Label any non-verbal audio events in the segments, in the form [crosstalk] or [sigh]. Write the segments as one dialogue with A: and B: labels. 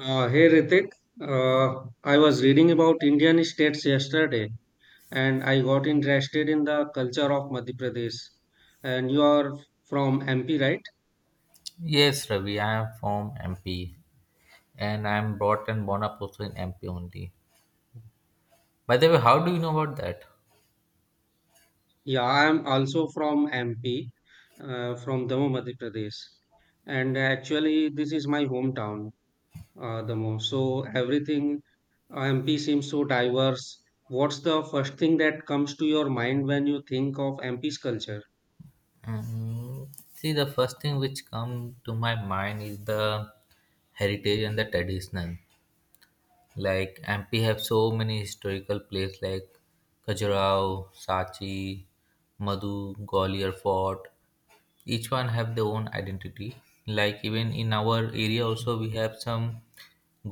A: Hey Ritik, I was reading about Indian states yesterday and I got interested in the culture of Madhya Pradesh. And you are from MP, right?
B: Yes, Ravi, I am from MP and I am brought and born up also in MP only. By the way, how do you know about that?
A: Yeah, I am also from MP, from Damoh, Madhya Pradesh. And actually, this is my hometown, Damoh. So everything MP seems so diverse. What's the first thing that comes to your mind when you think of MP's culture?
B: Mm, see, the first thing which come to my mind is the heritage and the traditional. Like MP have so many historical places like Khajuraho, Sachi, Madhu, Gwalior Fort. Each one have their own identity, like even in our area also we have some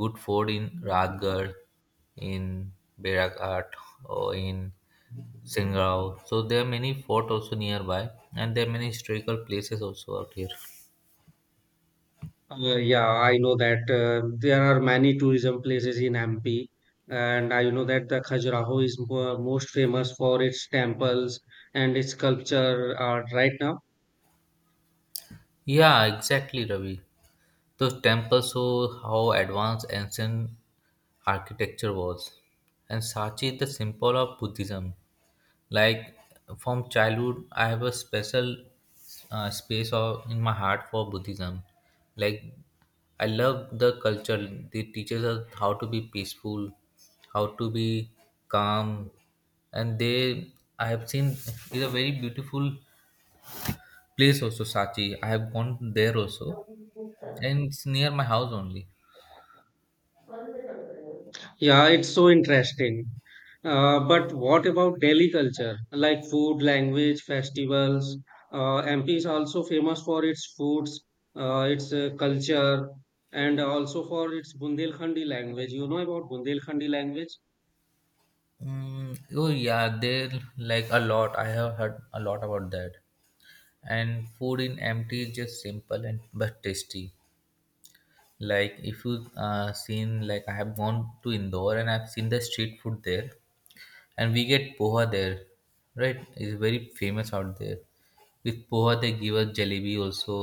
B: good fort in Rajgarh, in Beraghat, or in Singrao. So there are many fort also nearby, and there are many historical places also out here.
A: Yeah, I know that there are many tourism places in MP, and I know that the Khajuraho is most famous for its temples and its culture art right now.
B: Yeah, exactly Ravi. Those temples show how advanced ancient architecture was. And Sachi is the symbol of Buddhism. Like from childhood, I have a special space or in my heart for Buddhism. Like I love the culture. They teaches us how to be peaceful, how to be calm, and they I have seen is a very beautiful place also Sachi. I have gone there also, and it's near my house only.
A: Yeah, it's so interesting. But what about Delhi culture, like food, language, festivals? MP is also famous for its foods, its culture, and also for its Bundelkhandi language. You know about Bundelkhandi language?
B: Mm, oh yeah, there like a lot. I have heard a lot about that. And food in empty is just simple and but tasty, like if you seen, like I have gone to Indore and I've seen the street food there, and we get poha there, right? It's very famous out there. With poha they give us jalebi also,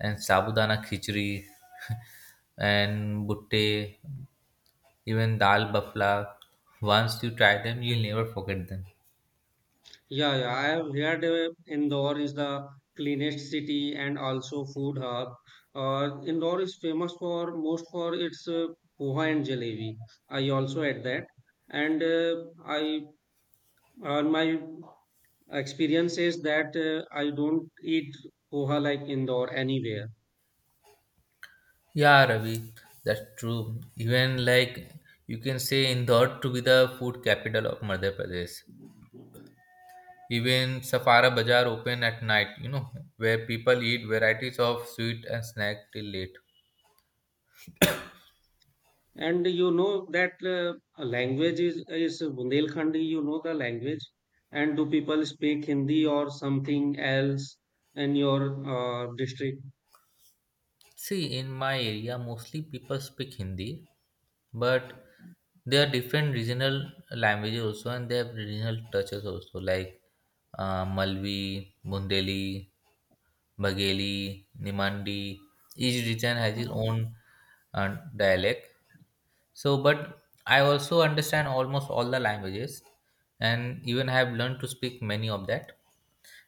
B: and sabudana khichdi [laughs] and butte, even dal bafla. Once you try them, you'll never forget them.
A: Yeah, yeah, I have heard Indore is the cleanest city and also food hub. Indore is famous for most for its poha and jalebi. I also had that, and I my experience is that I don't eat poha like Indore anywhere.
B: Yeah, Ravi, that's true. Even like you can say Indore to be the food capital of Madhya Pradesh. Even Safara Bazaar open at night, you know, where people eat varieties of sweet and snack till late.
A: And you know that language is Bundelkhandi. You know the language, and do people speak Hindi or something else in your district?
B: See, in my area, mostly people speak Hindi, but there are different regional languages also, and they have regional touches also, like Malvi, Bundeli, Bagheli, Nimandi. Each region has its own dialect. So, but I also understand almost all the languages, and even have learned to speak many of that.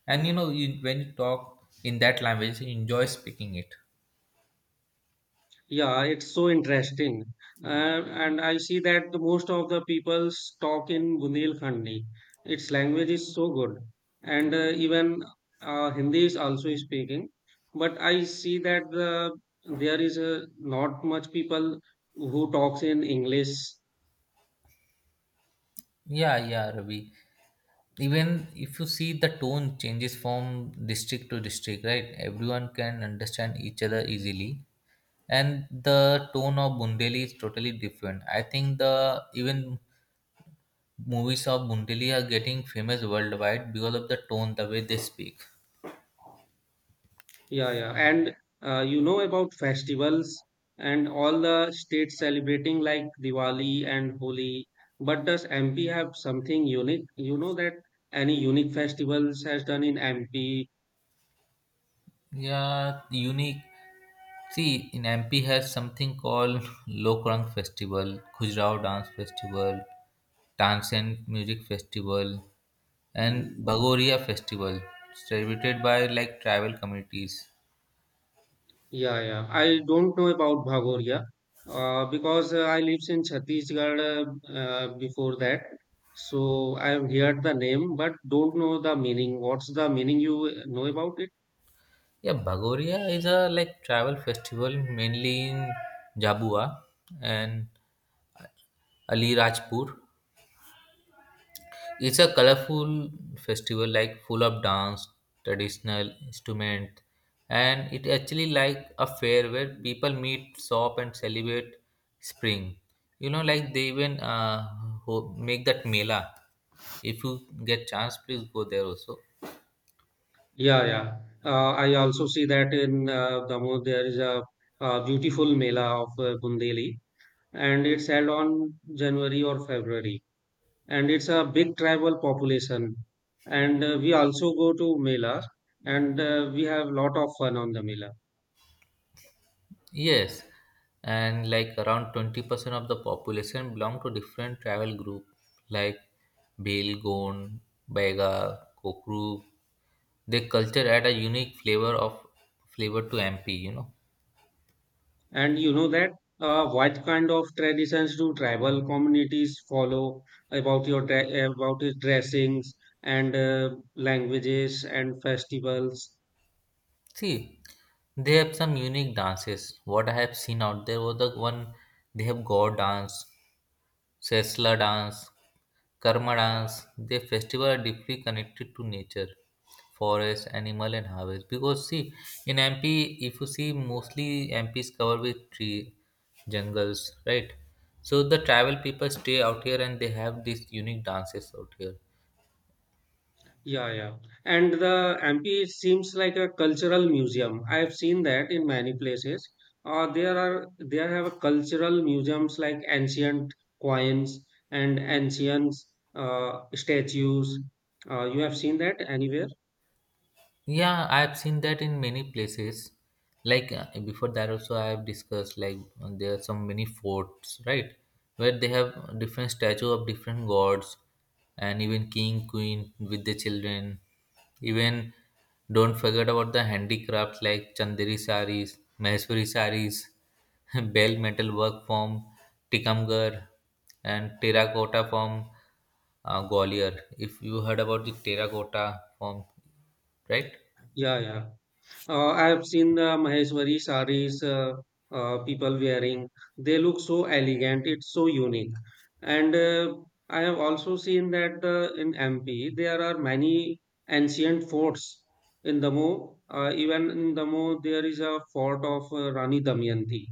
B: And you know, you, when you talk in that language, you enjoy speaking it.
A: Yeah, it's so interesting. Mm. And I see that the most of the people talk in Bundelkhandi. Its language is so good. And even Hindi is also speaking. But I see that there is not much people who talks in English.
B: Yeah, yeah, Ravi. Even if you see the tone changes from district to district, right? Everyone can understand each other easily. And the tone of Bundeli is totally different. I think the even movies of Bundili are getting famous worldwide because of the tone, the way they speak.
A: Yeah, yeah. And you know about festivals and all the states celebrating like Diwali and Holi. But does MP have something unique? You know that any unique festivals has done in MP?
B: Yeah, unique. See, in MP has something called Lokrang Festival, Khujrao Dance Festival, Tansen Music Festival, and Bagoria Festival, celebrated by like tribal communities.
A: Yeah, yeah. I don't know about Bhagoria because I lives in Chhattisgarh before that. So I have heard the name but don't know the meaning. What's the meaning you know about it?
B: Yeah, Bagoria is a like tribal festival mainly in Jabua and Ali Rajpur. It's a colorful festival, like full of dance, traditional instrument, and it actually like a fair where people meet, shop, and celebrate spring. You know, like they even make that mela. If you get chance, please go there also.
A: Yeah, yeah. I also see that in Damoh there is a, beautiful Mela of Bundeli, and it's held on January or February, and it's a big tribal population. And we also go to Mela, and we have lot of fun on the Mela.
B: Yes, and like around 20% of the population belong to different tribal group like Bhil, Gond, Baiga, Kokru. They culture add a unique flavor to MP, you know.
A: And you know that what kind of traditions do tribal communities follow about your about your dressings and languages and festivals?
B: See, they have some unique dances. What I have seen out there was the one they have God dance, Sesla dance, Karma dance. Their festival are deeply connected to nature, forest, animal, and harvest. Because see, in MP, if you see, mostly MP is covered with tree, jungles, right? So the tribal people stay out here and they have these unique dances out here.
A: Yeah, yeah. And the MP seems like a cultural museum. I have seen that in many places. There are there have cultural museums like ancient coins and ancient statues. You have seen that anywhere?
B: Yeah, I've seen that in many places. Like before that, also I have discussed like there are some many forts, right, where they have different statue of different gods, and even king, queen with the children. Even don't forget about the handicrafts like Chanderi saris, Maheshwari saris, [laughs] bell metal work from Tikamgarh, and terracotta from Gwalior. If you heard about the terracotta from, right?
A: Yeah, yeah. I have seen the Maheshwari sarees people wearing. They look so elegant. It's so unique. And I have also seen that in MP there are many ancient forts. In Damo, even in Damo, there is a fort of Rani Damayanti.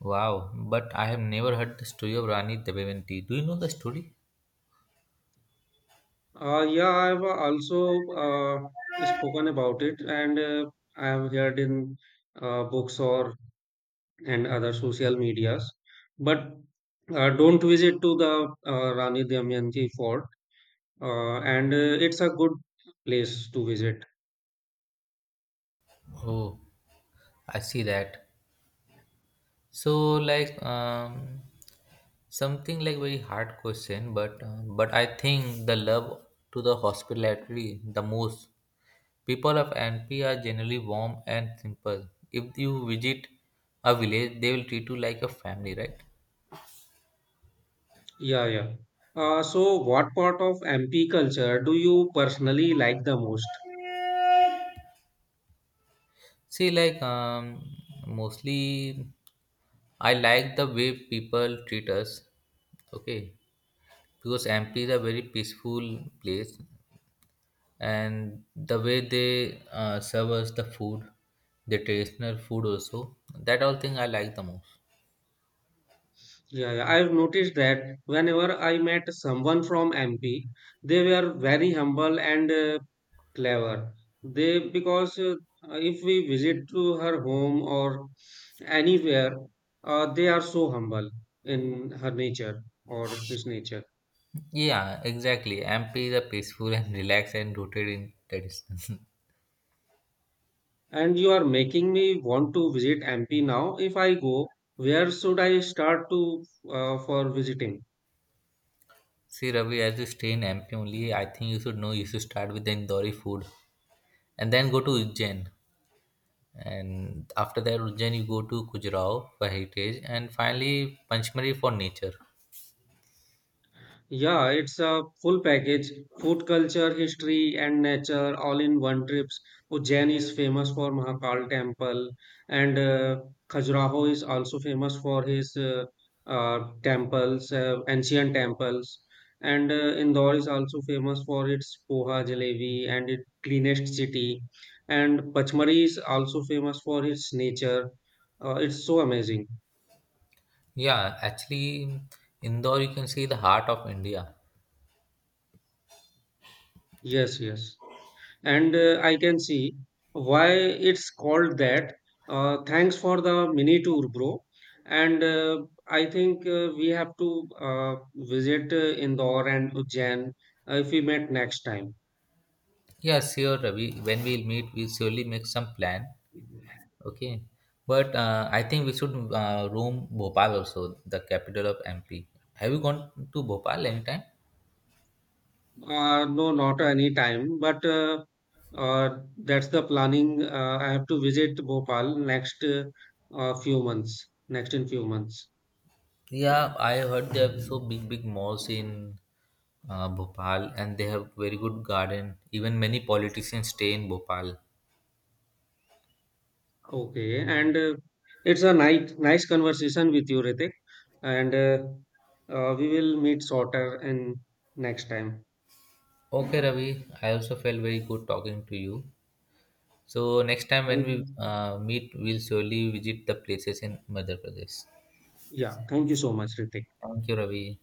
B: Wow, but I have never heard the story of Rani Damayanti. Do you know the story?
A: Yeah, I have also spoken about it, and I have heard in books or and other social medias. But don't visit to the Rani Damayanti fort, and it's a good place to visit.
B: Oh, I see that. So like something like very hard question, but I think the love to the hospitality the most. People of MP are generally warm and simple. If you visit a village, they will treat you like a family, right?
A: Yeah, yeah. So, what part of MP culture do you personally like the most?
B: See, like mostly I like the way people treat us. Okay, because Ampi is a very peaceful place, and the way they serve us the food, the traditional food also, that all thing I like the most.
A: Yeah, yeah, I've noticed that whenever I met someone from MP, they were very humble and clever. They because if we visit to her home or anywhere, they are so humble in her nature or his nature.
B: Yeah, exactly. Ampi is a peaceful and relaxed and rooted in tradition. [laughs]
A: And you are making me want to visit MP now. If I go, where should I start to for visiting?
B: See, Ravi, as you stay in Ampi only, I think you should know you should start with the Indori food and then go to Ujjain. And after that, Ujjain, you go to Khajuraho for heritage and finally Panchmari for nature.
A: Yeah, it's a full package. Food culture, history, and nature all in one trips. Ujjain is famous for Mahakal temple, and Khajuraho is also famous for his temples, ancient temples. And Indore is also famous for its poha jalebi and its cleanest city. And Pachmari is also famous for its nature. It's so amazing.
B: Yeah, actually, Indore, you can see the heart of India.
A: Yes, yes. And I can see why it's called that. Thanks for the mini tour, bro, and I think we have to visit Indore and Ujjain if we met next time.
B: Yeah, sure, Ravi. When we'll meet, we'll surely make some plan. Okay. But I think we should roam Bhopal also, the capital of MP. Have you gone to Bhopal anytime?
A: No, not any time, but uh, that's the planning. I have to visit Bhopal next few months next in few months.
B: Yeah, I heard they have so big, big malls in Bhopal and they have very good garden. Even many politicians stay in Bhopal.
A: Okay, and it's a nice conversation with you, Ritik, and we will meet shorter and next time.
B: Okay, Ravi. I also felt very good talking to you. So next time when we
A: You.
B: meet, we'll surely visit the places in Madhya Pradesh.
A: Yeah, thank you so much, Ritik.
B: Thank you, Ravi.